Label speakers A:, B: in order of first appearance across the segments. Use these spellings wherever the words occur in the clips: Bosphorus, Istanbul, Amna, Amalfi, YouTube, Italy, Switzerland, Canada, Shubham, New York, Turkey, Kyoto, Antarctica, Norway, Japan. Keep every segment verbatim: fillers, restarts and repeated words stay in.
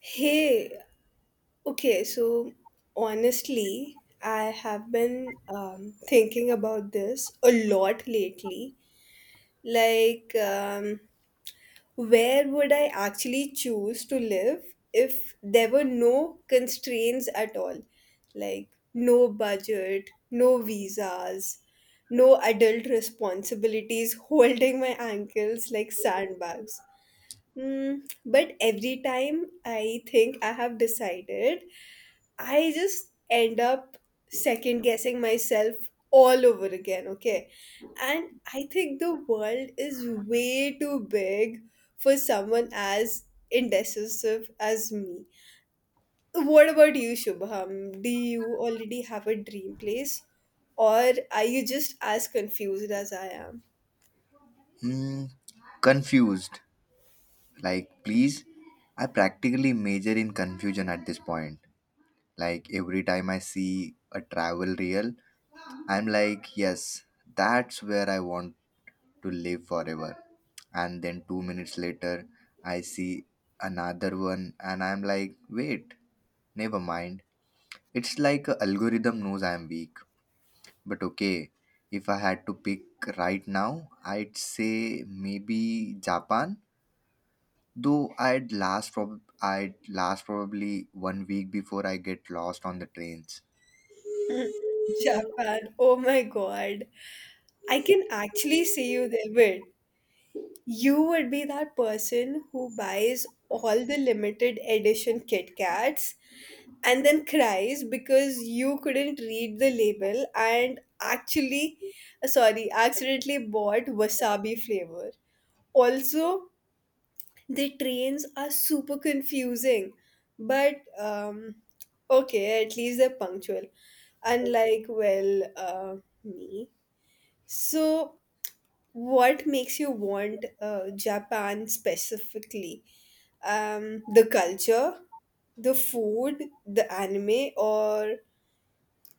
A: Hey, okay, so honestly, I have been um, thinking about this a lot lately. Like, um, where would I actually choose to live if there were no constraints at all? Like, no budget, no visas, no adult responsibilities holding my ankles like sandbags. Mm, but every time I think I have decided, I just end up second guessing myself all over again, okay? And I think the world is way too big for someone as indecisive as me. What about you, Shubham? Do you already have a dream place? Or are you just as confused as I am?
B: Hmm, confused. Like, please, I practically major in confusion at this point. Like, every time I see a travel reel, I'm like, yes, that's where I want to live forever. And then two minutes later, I see another one, and I'm like, wait, never mind. It's like a algorithm knows I am weak but okay, if I had to pick right now, I'd say maybe Japan. Though I'd last prob- I'd last probably one week before I get lost on the trains.
A: Japan, oh my god. I can actually see you there. Wait, you would be that person who buys all the limited edition Kit Kats and then cries because you couldn't read the label and actually, uh, sorry, accidentally bought wasabi flavor. Also, the trains are super confusing, but um, okay, at least they're punctual. Unlike, well, uh, me. So, what makes you want uh, Japan specifically? Um, the culture, the food, the anime, or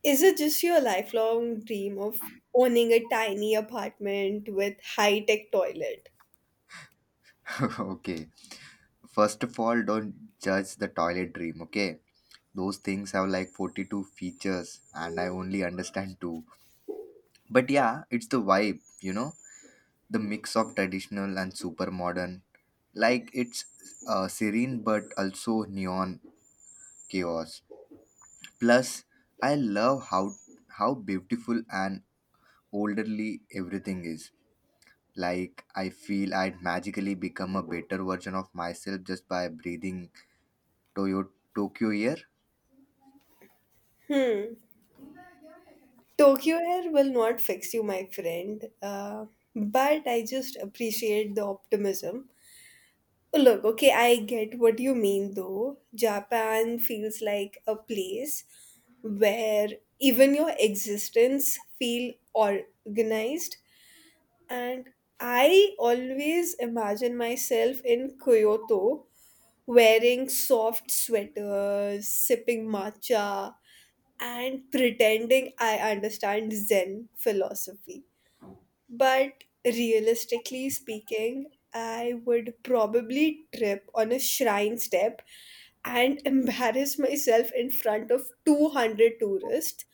A: is it just your lifelong dream of owning a tiny apartment with high tech toilet?
B: Okay. First of all, don't judge the toilet dream, okay? Those things have like forty-two features and I only understand two. But yeah, it's the vibe, you know? The mix of traditional and super modern. Like it's uh, serene but also neon chaos. Plus, I love how how beautiful and orderly everything is. Like I feel I'd magically become a better version of myself just by breathing Toyo- Tokyo air.
A: Hmm. Tokyo Air will not fix you, my friend. Uh, but I just appreciate the optimism. Look, okay, I get what you mean though. Japan feels like a place where even your existence feel organized, and I always imagine myself in Kyoto wearing soft sweaters, sipping matcha and pretending I understand Zen philosophy. But realistically speaking, I would probably trip on a shrine step and embarrass myself in front of two hundred tourists.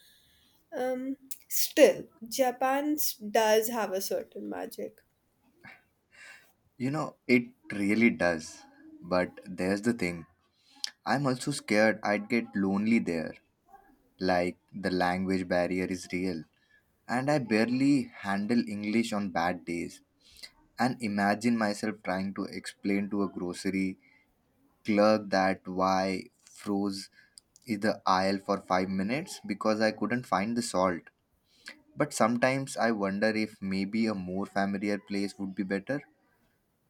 A: Um, Still, Japan s- does have a certain magic.
B: You know, it really does. But there's the thing I'm also scared I'd get lonely there. Like, the language barrier is real. And I barely handle English on bad days. And imagine myself trying to explain to a grocery clerk that why froze is the aisle for five minutes because I couldn't find the salt. But sometimes I wonder if maybe a more familiar place would be better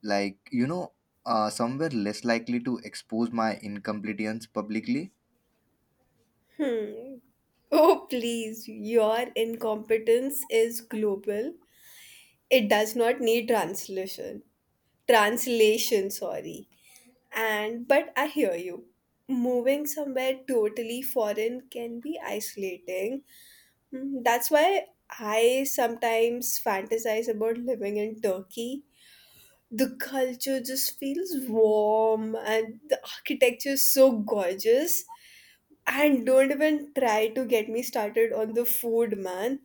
B: like you know uh, somewhere less likely to expose my incompetence publicly.
A: Hmm. Oh, please, your incompetence is global. It does not need translation. Translation, sorry. And but I hear you. Moving somewhere totally foreign can be isolating. Mm, That's why I sometimes fantasize about living in Turkey. The culture just feels warm and the architecture is so gorgeous. And don't even try to get me started on the food, man.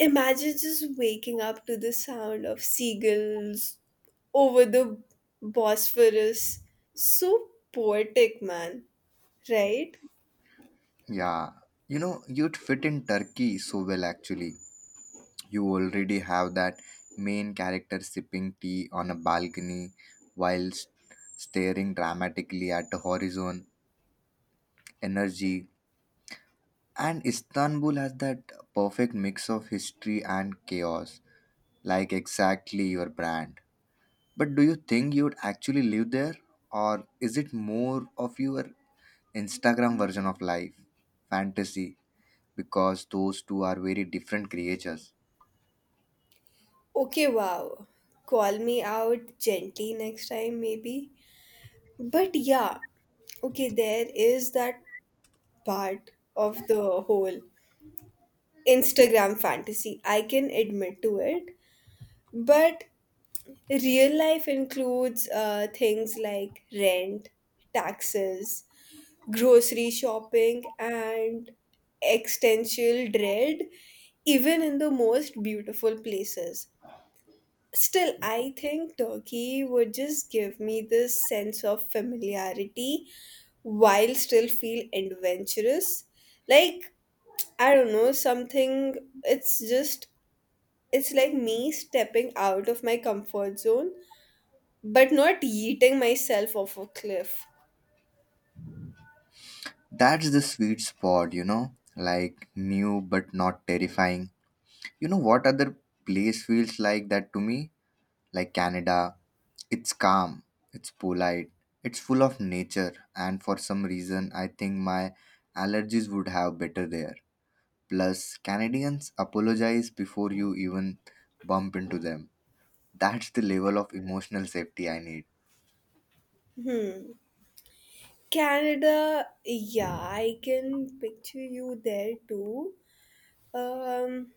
A: Imagine just waking up to the sound of seagulls over the Bosphorus. So poetic, man. Right?
B: Yeah, you know, you'd fit in Turkey so well actually. You already have that main character sipping tea on a balcony while s- staring dramatically at the horizon energy, and Istanbul has that perfect mix of history and chaos, like exactly your brand. But do you think you'd actually live there, or is it more of your Instagram version of life, fantasy, because those two are very different creatures.
A: Okay, wow. Call me out gently next time, maybe. But yeah, okay, there is that part of the whole Instagram fantasy. I can admit to it. But real life includes uh, things like rent, taxes, grocery shopping and existential dread even in the most beautiful places. Still, I think Turkey would just give me this sense of familiarity while still feel adventurous. Like, I don't know, something, it's just, it's like me stepping out of my comfort zone, but not yeeting myself off a cliff.
B: That's the sweet spot, you know, like new but not terrifying. You know what other place feels like that to me? Like Canada. It's calm, it's polite, it's full of nature, and for some reason, I think my allergies would have better there. Plus, Canadians apologize before you even bump into them. That's the level of emotional safety I need.
A: Hmm. Canada, yeah, I can picture you there too. Um,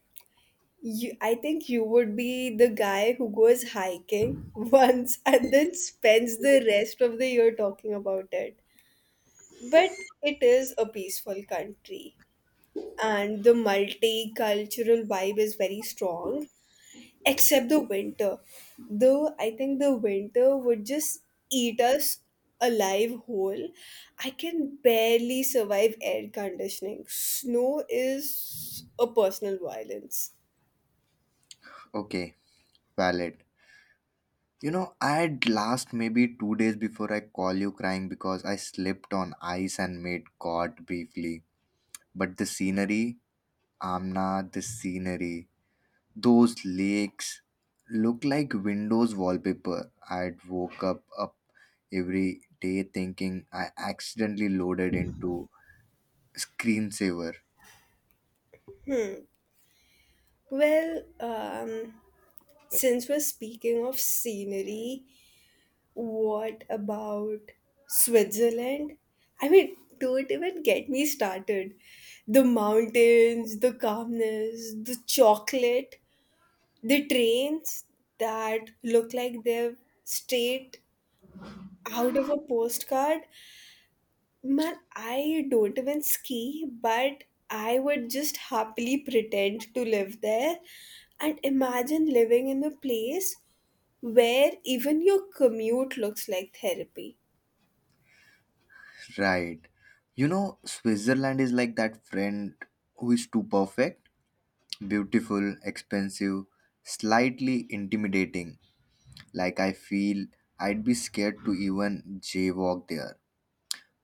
A: you, I think you would be the guy who goes hiking once and then spends the rest of the year talking about it. But it is a peaceful country, and the multicultural vibe is very strong except the winter. Though I think the winter would just eat us alive whole. I can barely survive air conditioning. Snow is a personal violence.
B: Okay, valid. You know, I'd last maybe two days before I call you crying because I slipped on ice and made caught briefly. But the scenery, Amna, the scenery, those lakes look like Windows wallpaper. I'd woke up up every day thinking I accidentally loaded into screensaver.
A: Well, um, since we're speaking of scenery, what about Switzerland? I mean, don't even get me started. The mountains, the calmness, the chocolate. The trains that look like they're straight out of a postcard. Man, I don't even ski, but I would just happily pretend to live there. And imagine living in a place where even your commute looks like therapy.
B: Right. You know, Switzerland is like that friend who is too perfect beautiful, expensive, slightly intimidating. Like I feel I'd be scared to even jaywalk there.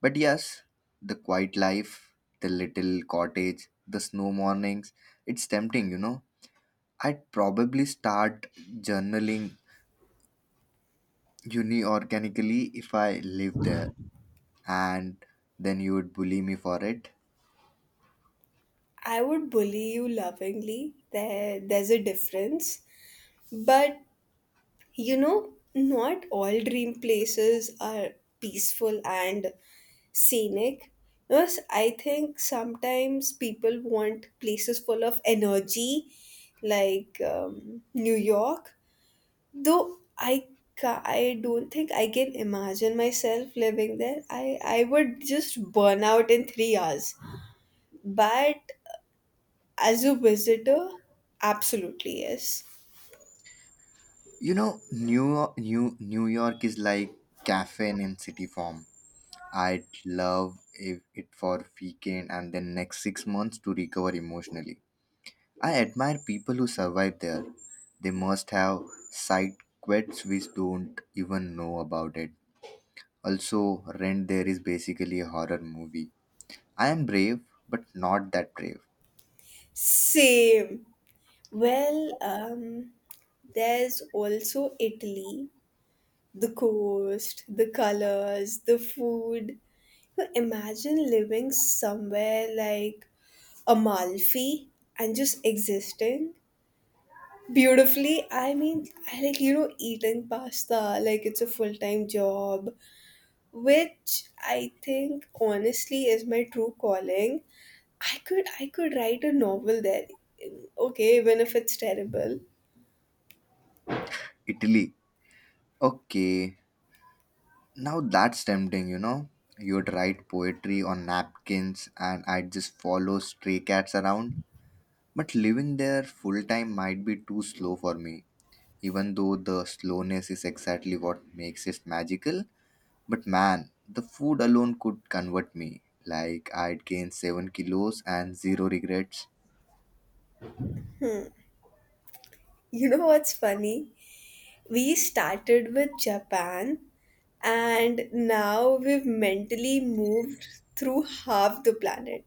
B: But yes, the quiet life, the little cottage, the snow mornings, it's tempting, you know. I'd probably start journaling uni organically if I live there and then you would bully me for it.
A: I would bully you lovingly. There, there's a difference. But you know, not all dream places are peaceful and scenic. Because I think sometimes people want places full of energy, like um, New York. Though I ca- I don't think I can imagine myself living there. I, I would just burn out in three hours. But as a visitor, absolutely yes.
B: You know, New York, New New York is like caffeine in city form. I'd love if it for weekend and then next six months to recover emotionally. I admire people who survive there. They must have side quests which don't even know about it. Also, rent there is basically a horror movie. I am brave, but not that brave.
A: Same. Well, um, there's also Italy, the coast, the colors, the food. You imagine living somewhere like Amalfi and just existing beautifully. I mean, I like, you know, eating pasta like it's a full time job, which I think honestly is my true calling. I could I could write a novel there. Okay, even if it's terrible.
B: Italy. Okay, now that's tempting, you know. You'd write poetry on napkins and I'd just follow stray cats around. But living there full time might be too slow for me, even though the slowness is exactly what makes it magical. But man, the food alone could convert me. Like I'd gain seven kilos and zero regrets.
A: You know what's funny? We started with Japan and now we've mentally moved through half the planet.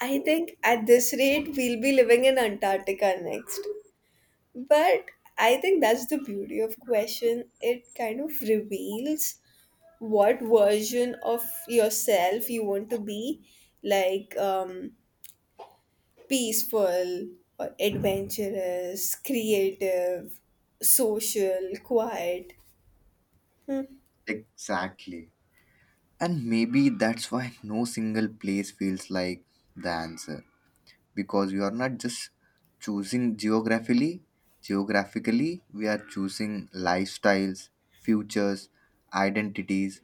A: I think at this rate, we'll be living in Antarctica next. But I think that's the beauty of question. It kind of reveals what version of yourself you want to be. Like, um, peaceful or adventurous, creative, social, quiet. Hmm,
B: Exactly. And maybe that's why no single place feels like the answer. Because we are not just choosing geographically, geographically, we are choosing lifestyles, futures, identities,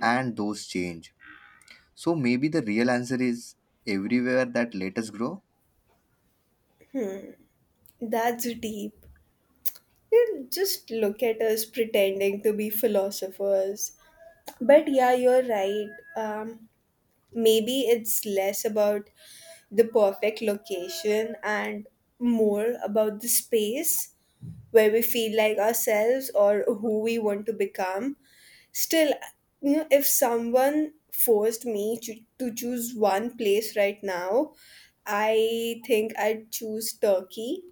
B: and those change. So maybe the real answer is everywhere that let us grow.
A: That's deep. You just look at us pretending to be philosophers. But yeah, you're right. Um, Maybe it's less about the perfect location and more about the space where we feel like ourselves or who we want to become. Still, you know, if someone forced me to, to choose one place right now, I think I'd choose Turkey.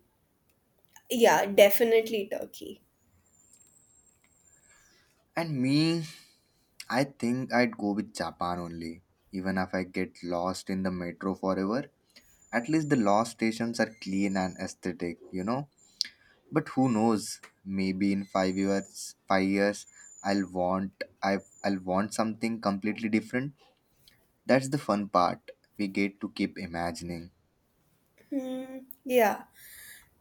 A: Yeah, definitely Turkey.
B: And me, I think I'd go with Japan only. Even if I get lost in the metro forever, at least the lost stations are clean and aesthetic, you know. But who knows? Maybe in five years, five years, I'll want I I'll want something completely different. That's the fun part. We get to keep imagining.
A: Hmm, yeah.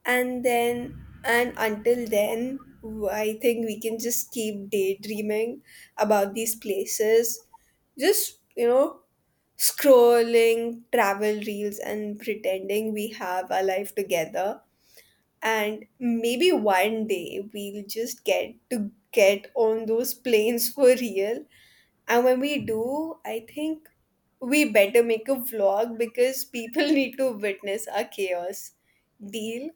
A: and then and until then w- I think we can just keep daydreaming about these places, just you know, scrolling travel reels and pretending we have a life together, and maybe one day we'll just get to get on those planes for real. And when we do, I think we better make a vlog because people need to witness our chaos. Deal.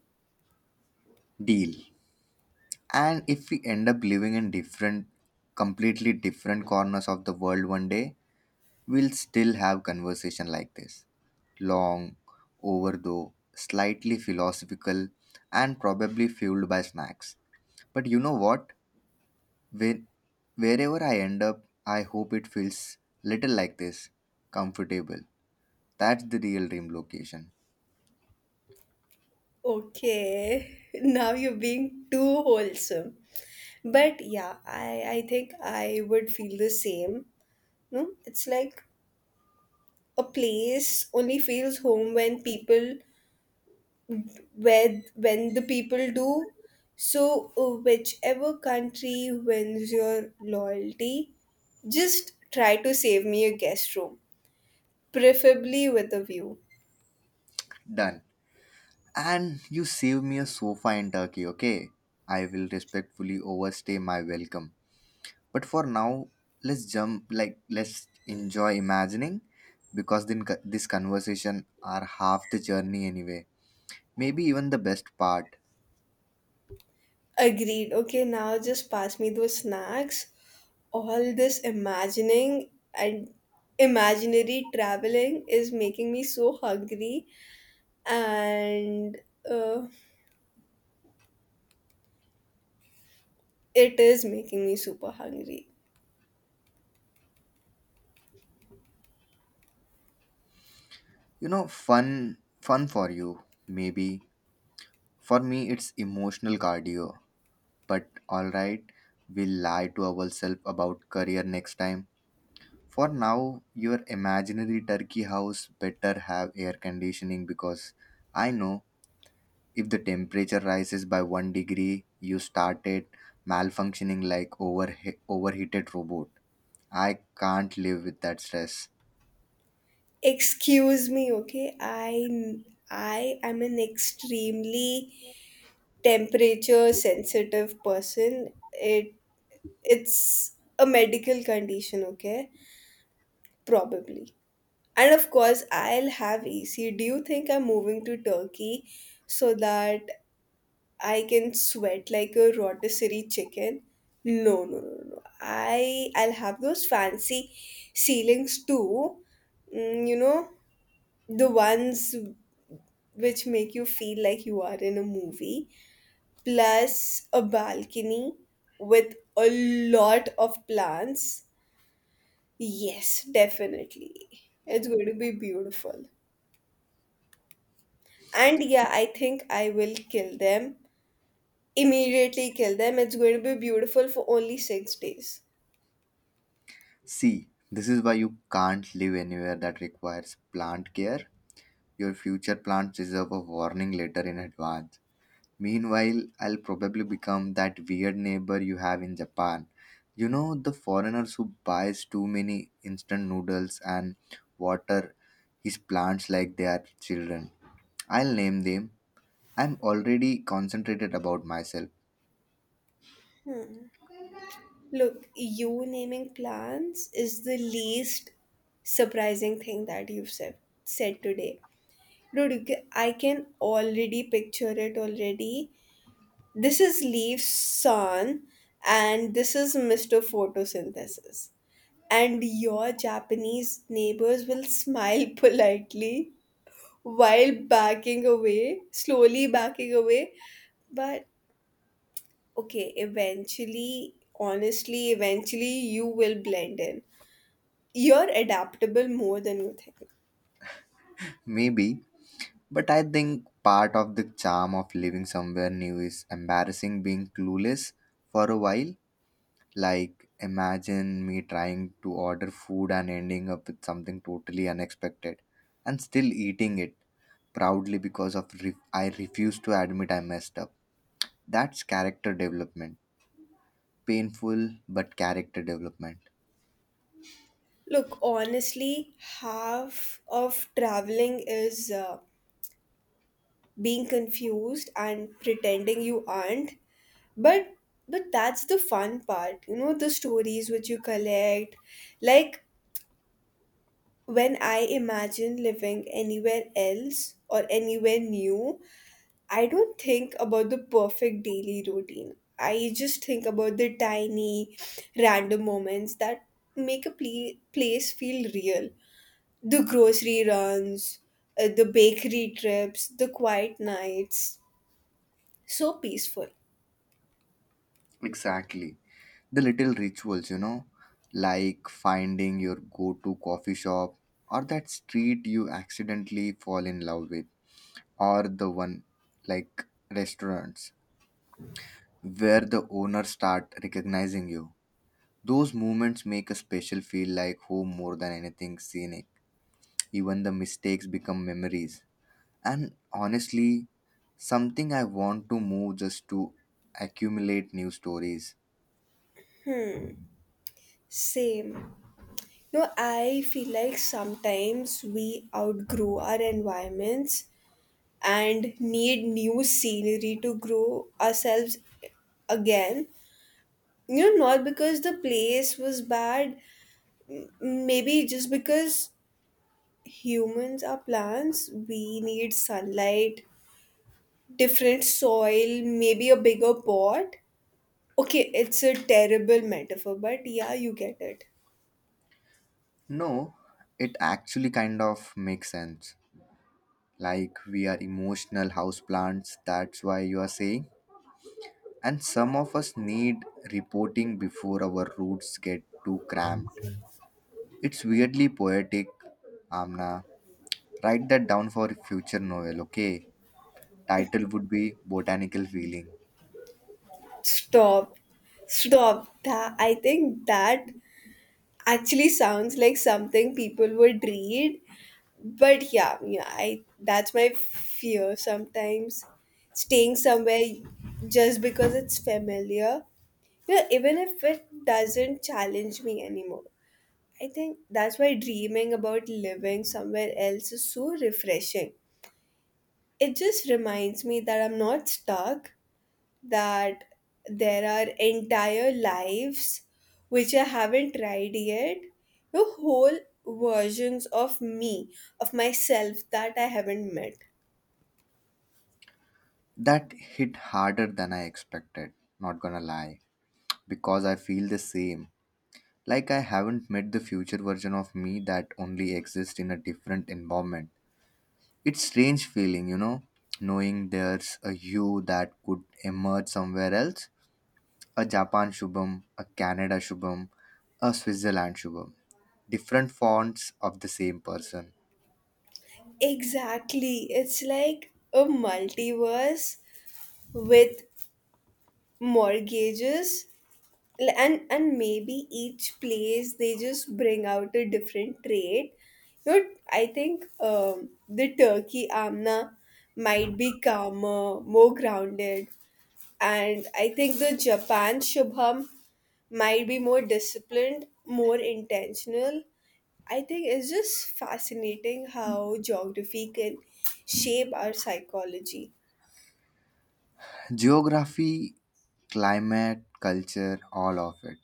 B: Deal. And if we end up living in different, completely different corners of the world one day, we'll still have conversation like this. Long, overdue, slightly philosophical, and probably fueled by snacks. But you know what? Where, Wherever I end up, I hope it feels little like this, comfortable. That's the real dream location.
A: Okay, now you're being too wholesome. But yeah, I, I think I would feel the same. No, it's like a place only feels home when people where when the people do. So uh, whichever country wins your loyalty, just try to save me a guest room, preferably with a view.
B: Done. And you save me a sofa in Turkey, okay? I will respectfully overstay my welcome. But for now, let's jump like let's enjoy imagining because then co- this conversation are half the journey anyway. Maybe even the best part.
A: Agreed. Okay, now just pass me those snacks. All this imagining and imaginary traveling is making me so hungry, and uh, it is making me super hungry.
B: You know, fun fun for you, maybe. For me it's emotional cardio. But alright, we'll lie to ourselves about career next time. For now, your imaginary turkey house better have air conditioning because I know if the temperature rises by one degree, you started malfunctioning like over overheated robot. I can't live with that stress.
A: Excuse me, okay? I I am an extremely temperature sensitive person. It it's a medical condition, okay? Probably. And of course, I'll have A C. Do you think I'm moving to Turkey so that I can sweat like a rotisserie chicken? No, no, no, no. I I'll have those fancy ceilings too. Mm, you know, the ones which make you feel like you are in a movie, plus a balcony with a lot of plants. Yes, definitely. It's going to be beautiful. And yeah, I think I will kill them. Immediately kill them. It's going to be beautiful for only six days.
B: See, this is why you can't live anywhere that requires plant care. Your future plants deserve a warning letter in advance. Meanwhile, I'll probably become that weird neighbor you have in Japan. You know, the foreigners who buys too many instant noodles and water his plants like they are children. I'll name them. I'm already concentrated about myself.
A: Look, you naming plants is the least surprising thing that you've said, said today. Dude, you ca- I can already picture it already. This is leaf sun, and this is mister Photosynthesis. And your Japanese neighbors will smile politely while backing away, slowly backing away. But okay, eventually, honestly, eventually you will blend in. You're adaptable more than you think.
B: Maybe, but I think part of the charm of living somewhere new is embarrassing being clueless for a while. Like, imagine me trying to order food and ending up with something totally unexpected and still eating it proudly because of re- I refuse to admit I messed up. That's character development. Painful, but character development.
A: Look, honestly, half of traveling is uh, being confused and pretending you aren't. But but that's the fun part, you know, the stories which you collect. Like when I imagine living anywhere else or anywhere new, I don't think about the perfect daily routine. I just think about the tiny, random moments that make a ple- place feel real. The grocery runs, uh, the bakery trips, the quiet nights. So peaceful.
B: Exactly. The little rituals, you know, like finding your go to coffee shop or that street you accidentally fall in love with or the one like restaurants where the owners start recognizing you. Those moments make a special feel like home more than anything scenic. Even the mistakes become memories. And honestly, something I want to move just to accumulate new stories.
A: Same. No, I feel like sometimes we outgrow our environments and need new scenery to grow ourselves again. You know, not because the place was bad, maybe just because humans are plants, we need sunlight, different soil, maybe a bigger pot. Okay, it's a terrible metaphor, but yeah, you get it.
B: No, it actually kind of makes sense. Like we are emotional houseplants, that's why you are saying. And some of us need reporting before our roots get too cramped. It's weirdly poetic, Amna. Write that down for future novel, okay? Title would be Botanical Feeling.
A: Stop. Stop. That, I think that actually sounds like something people would read. But yeah yeah i that's my fear sometimes, staying somewhere just because it's familiar, you know, even if it doesn't challenge me anymore. I think that's why dreaming about living somewhere else is so refreshing. It just reminds me that I'm not stuck, that there are entire lives which I haven't tried yet. The whole versions of me, of myself that I haven't met.
B: That hit harder than I expected, not gonna lie, because I feel the same. Like I haven't met the future version of me that only exists in a different environment. It's strange feeling, you know, knowing there's a you that could emerge somewhere else, a Japan Shubham, a Canada Shubham, a Switzerland Shubham. Different fonts of the same person.
A: Exactly. It's like a multiverse with mortgages. L- and and maybe each place they just bring out a different trait. You know, I think um, the turkey Amna might be calmer, more grounded. And I think the Japan Shubham might be more disciplined, more intentional. I think it's just fascinating how geography can shape our psychology.
B: Geography, climate, culture, all of it.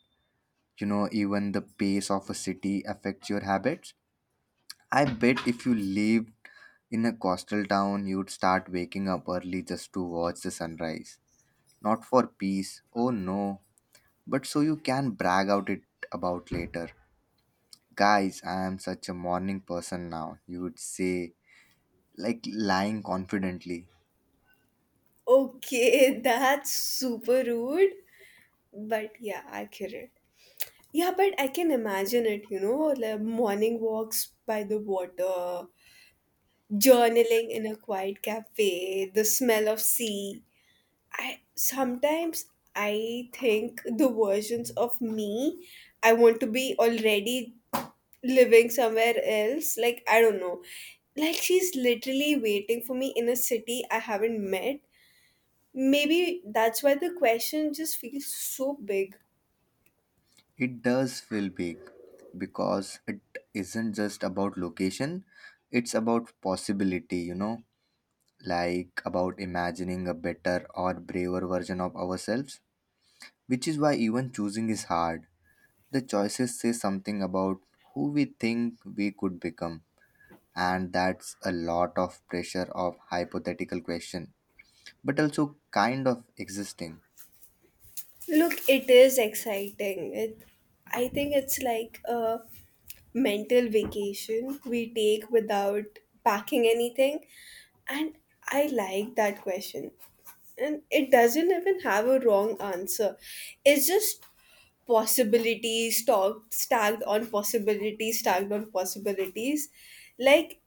B: You know, even the pace of a city affects your habits. I bet if you lived in a coastal town, you'd start waking up early just to watch the sunrise. Not for peace, oh no, but so you can brag out it about later. Guys, I am such a morning person now, you would say, like lying confidently.
A: Okay, that's super rude, but yeah, accurate. Yeah, but I can imagine it, you know, like morning walks by the water, journaling in a quiet cafe, the smell of sea, I sometimes I think the versions of me I want to be already living somewhere else. Like I don't know. Like she's literally waiting for me in a city I haven't met. Maybe that's why the question just feels so big.
B: It does feel big because it isn't just about location, it's about possibility, you know, like about imagining a better or braver version of ourselves, which is why even choosing is hard. The choices say something about who we think we could become, and that's a lot of pressure of hypothetical question, but also kind of existing.
A: Look, it is exciting. It, I think it's like a mental vacation we take without packing anything. And I like that question. And it doesn't even have a wrong answer. It's just possibilities stock, stacked on possibilities, stacked on possibilities. Like,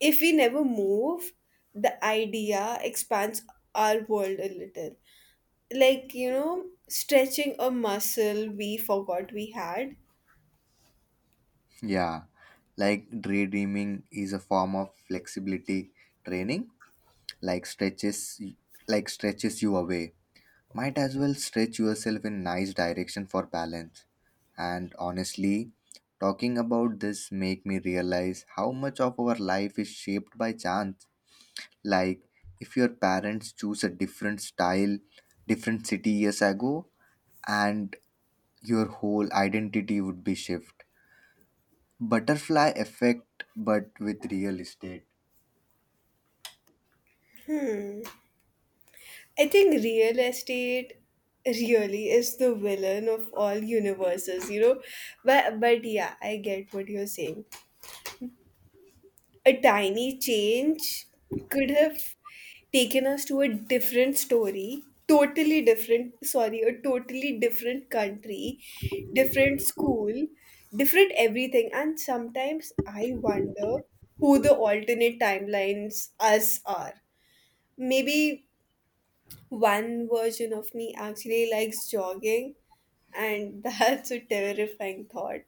A: if we never move, the idea expands our world a little, like you know, stretching a muscle we forgot we had.
B: Yeah, like daydreaming is a form of flexibility training, like stretches like stretches you away. Might as well stretch yourself in nice direction for balance. And honestly, talking about this make me realize how much of our life is shaped by chance. Like if your parents choose a different style, different city years ago, and your whole identity would be shift. Butterfly effect, but with real estate.
A: I think real estate really is the villain of all universes, you know, but but yeah I get what you're saying. A tiny change could have taken us to a different story totally different sorry a totally different country, different school, different everything. And sometimes I wonder who the alternate timelines us are. Maybe one version of me actually likes jogging, and that's a terrifying thought.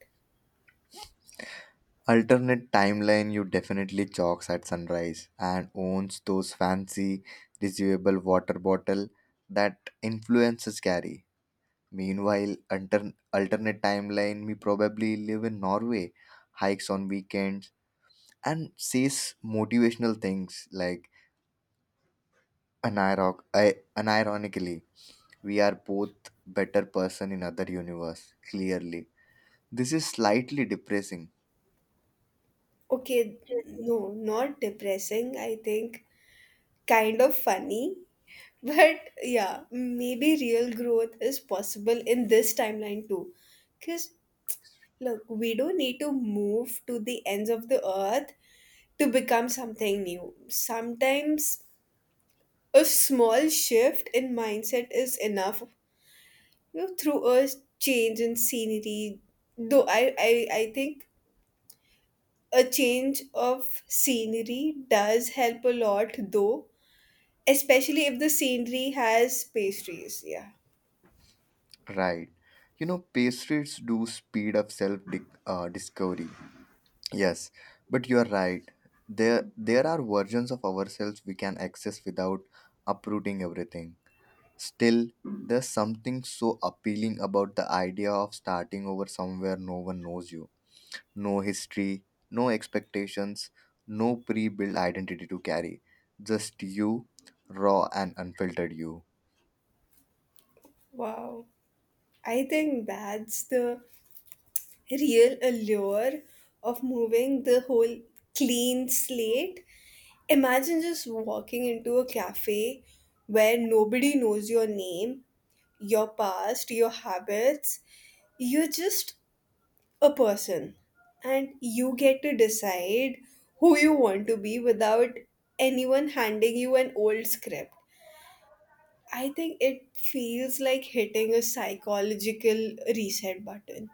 B: Alternate timeline, you definitely chalks at sunrise and owns those fancy, reusable water bottle that influences carry. Meanwhile, altern- alternate timeline, me probably live in Norway, hikes on weekends, and says motivational things like aniroc- I- unironically, we are both better person in other universe. Clearly, this is slightly depressing.
A: Okay, no, not depressing, I think kind of funny. But yeah, maybe real growth is possible in this timeline too. Because look, we don't need to move to the ends of the earth to become something new. Sometimes a small shift in mindset is enough. You know, through a change in scenery, though I, I, I think a change of scenery does help a lot though, especially if the scenery has pastries. Yeah.
B: Right. You know, pastries do speed up self dic- uh, discovery. Yes, but you are right. There, there are versions of ourselves we can access without uprooting everything. Still, there's something so appealing about the idea of starting over somewhere no one knows you. No history, no expectations, no pre built identity to carry. Just you, raw and unfiltered you.
A: Wow, I think that's the real allure of moving, the whole clean slate. Imagine just walking into a cafe where nobody knows your name, your past, your habits. You're just a person, and you get to decide who you want to be without anyone handing you an old script. I think it feels like hitting a psychological reset button.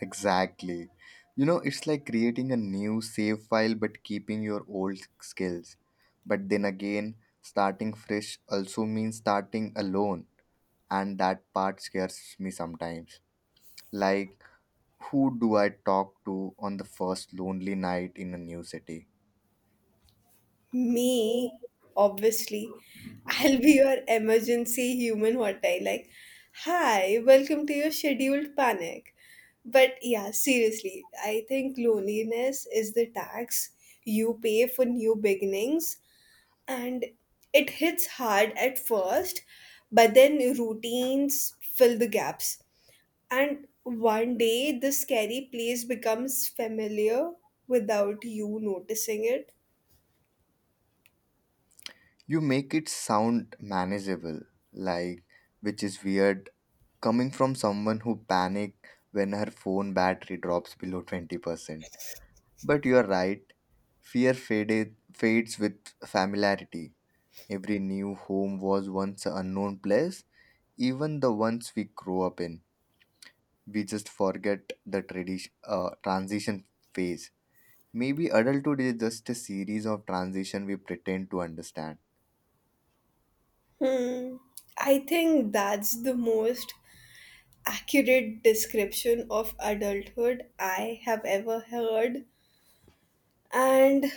B: Exactly. You know, it's like creating a new save file but keeping your old skills. But then again, starting fresh also means starting alone, and that part scares me sometimes. Like, who do I talk to on the first lonely night in a new city?
A: Me, obviously. I'll be your emergency human hotline. Like, hi, welcome to your scheduled panic. But yeah, seriously, I think loneliness is the tax you pay for new beginnings, and it hits hard at first, but then routines fill the gaps. And one day, the scary place becomes familiar without you noticing it.
B: You make it sound manageable, like, which is weird coming from someone who panic when her phone battery drops below twenty percent. But you are right, fear faded, fades with familiarity. Every new home was once an unknown place, even the ones we grow up in. We just forget the tradition, uh, transition phase. Maybe adulthood is just a series of transition we pretend to understand.
A: Hmm. I think that's the most accurate description of adulthood I have ever heard. And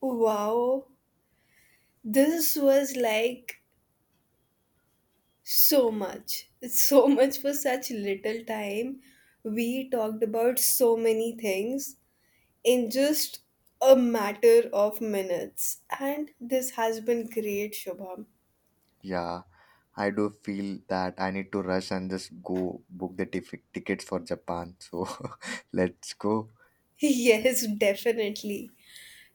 A: wow, this was like so much. It's so much for such little time. We talked about so many things in just a matter of minutes. And this has been great, Shubham.
B: Yeah, I do feel that I need to rush and just go book the tif- tickets for Japan. So let's go.
A: Yes, definitely.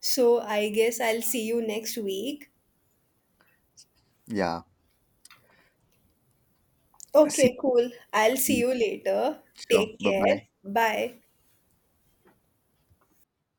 A: So I guess I'll see you next week.
B: Yeah, see
A: Okay, cool. I'll see
B: you.
A: you later.
B: Sure.
A: Take
B: Bye
A: care.
B: bye.
A: Bye.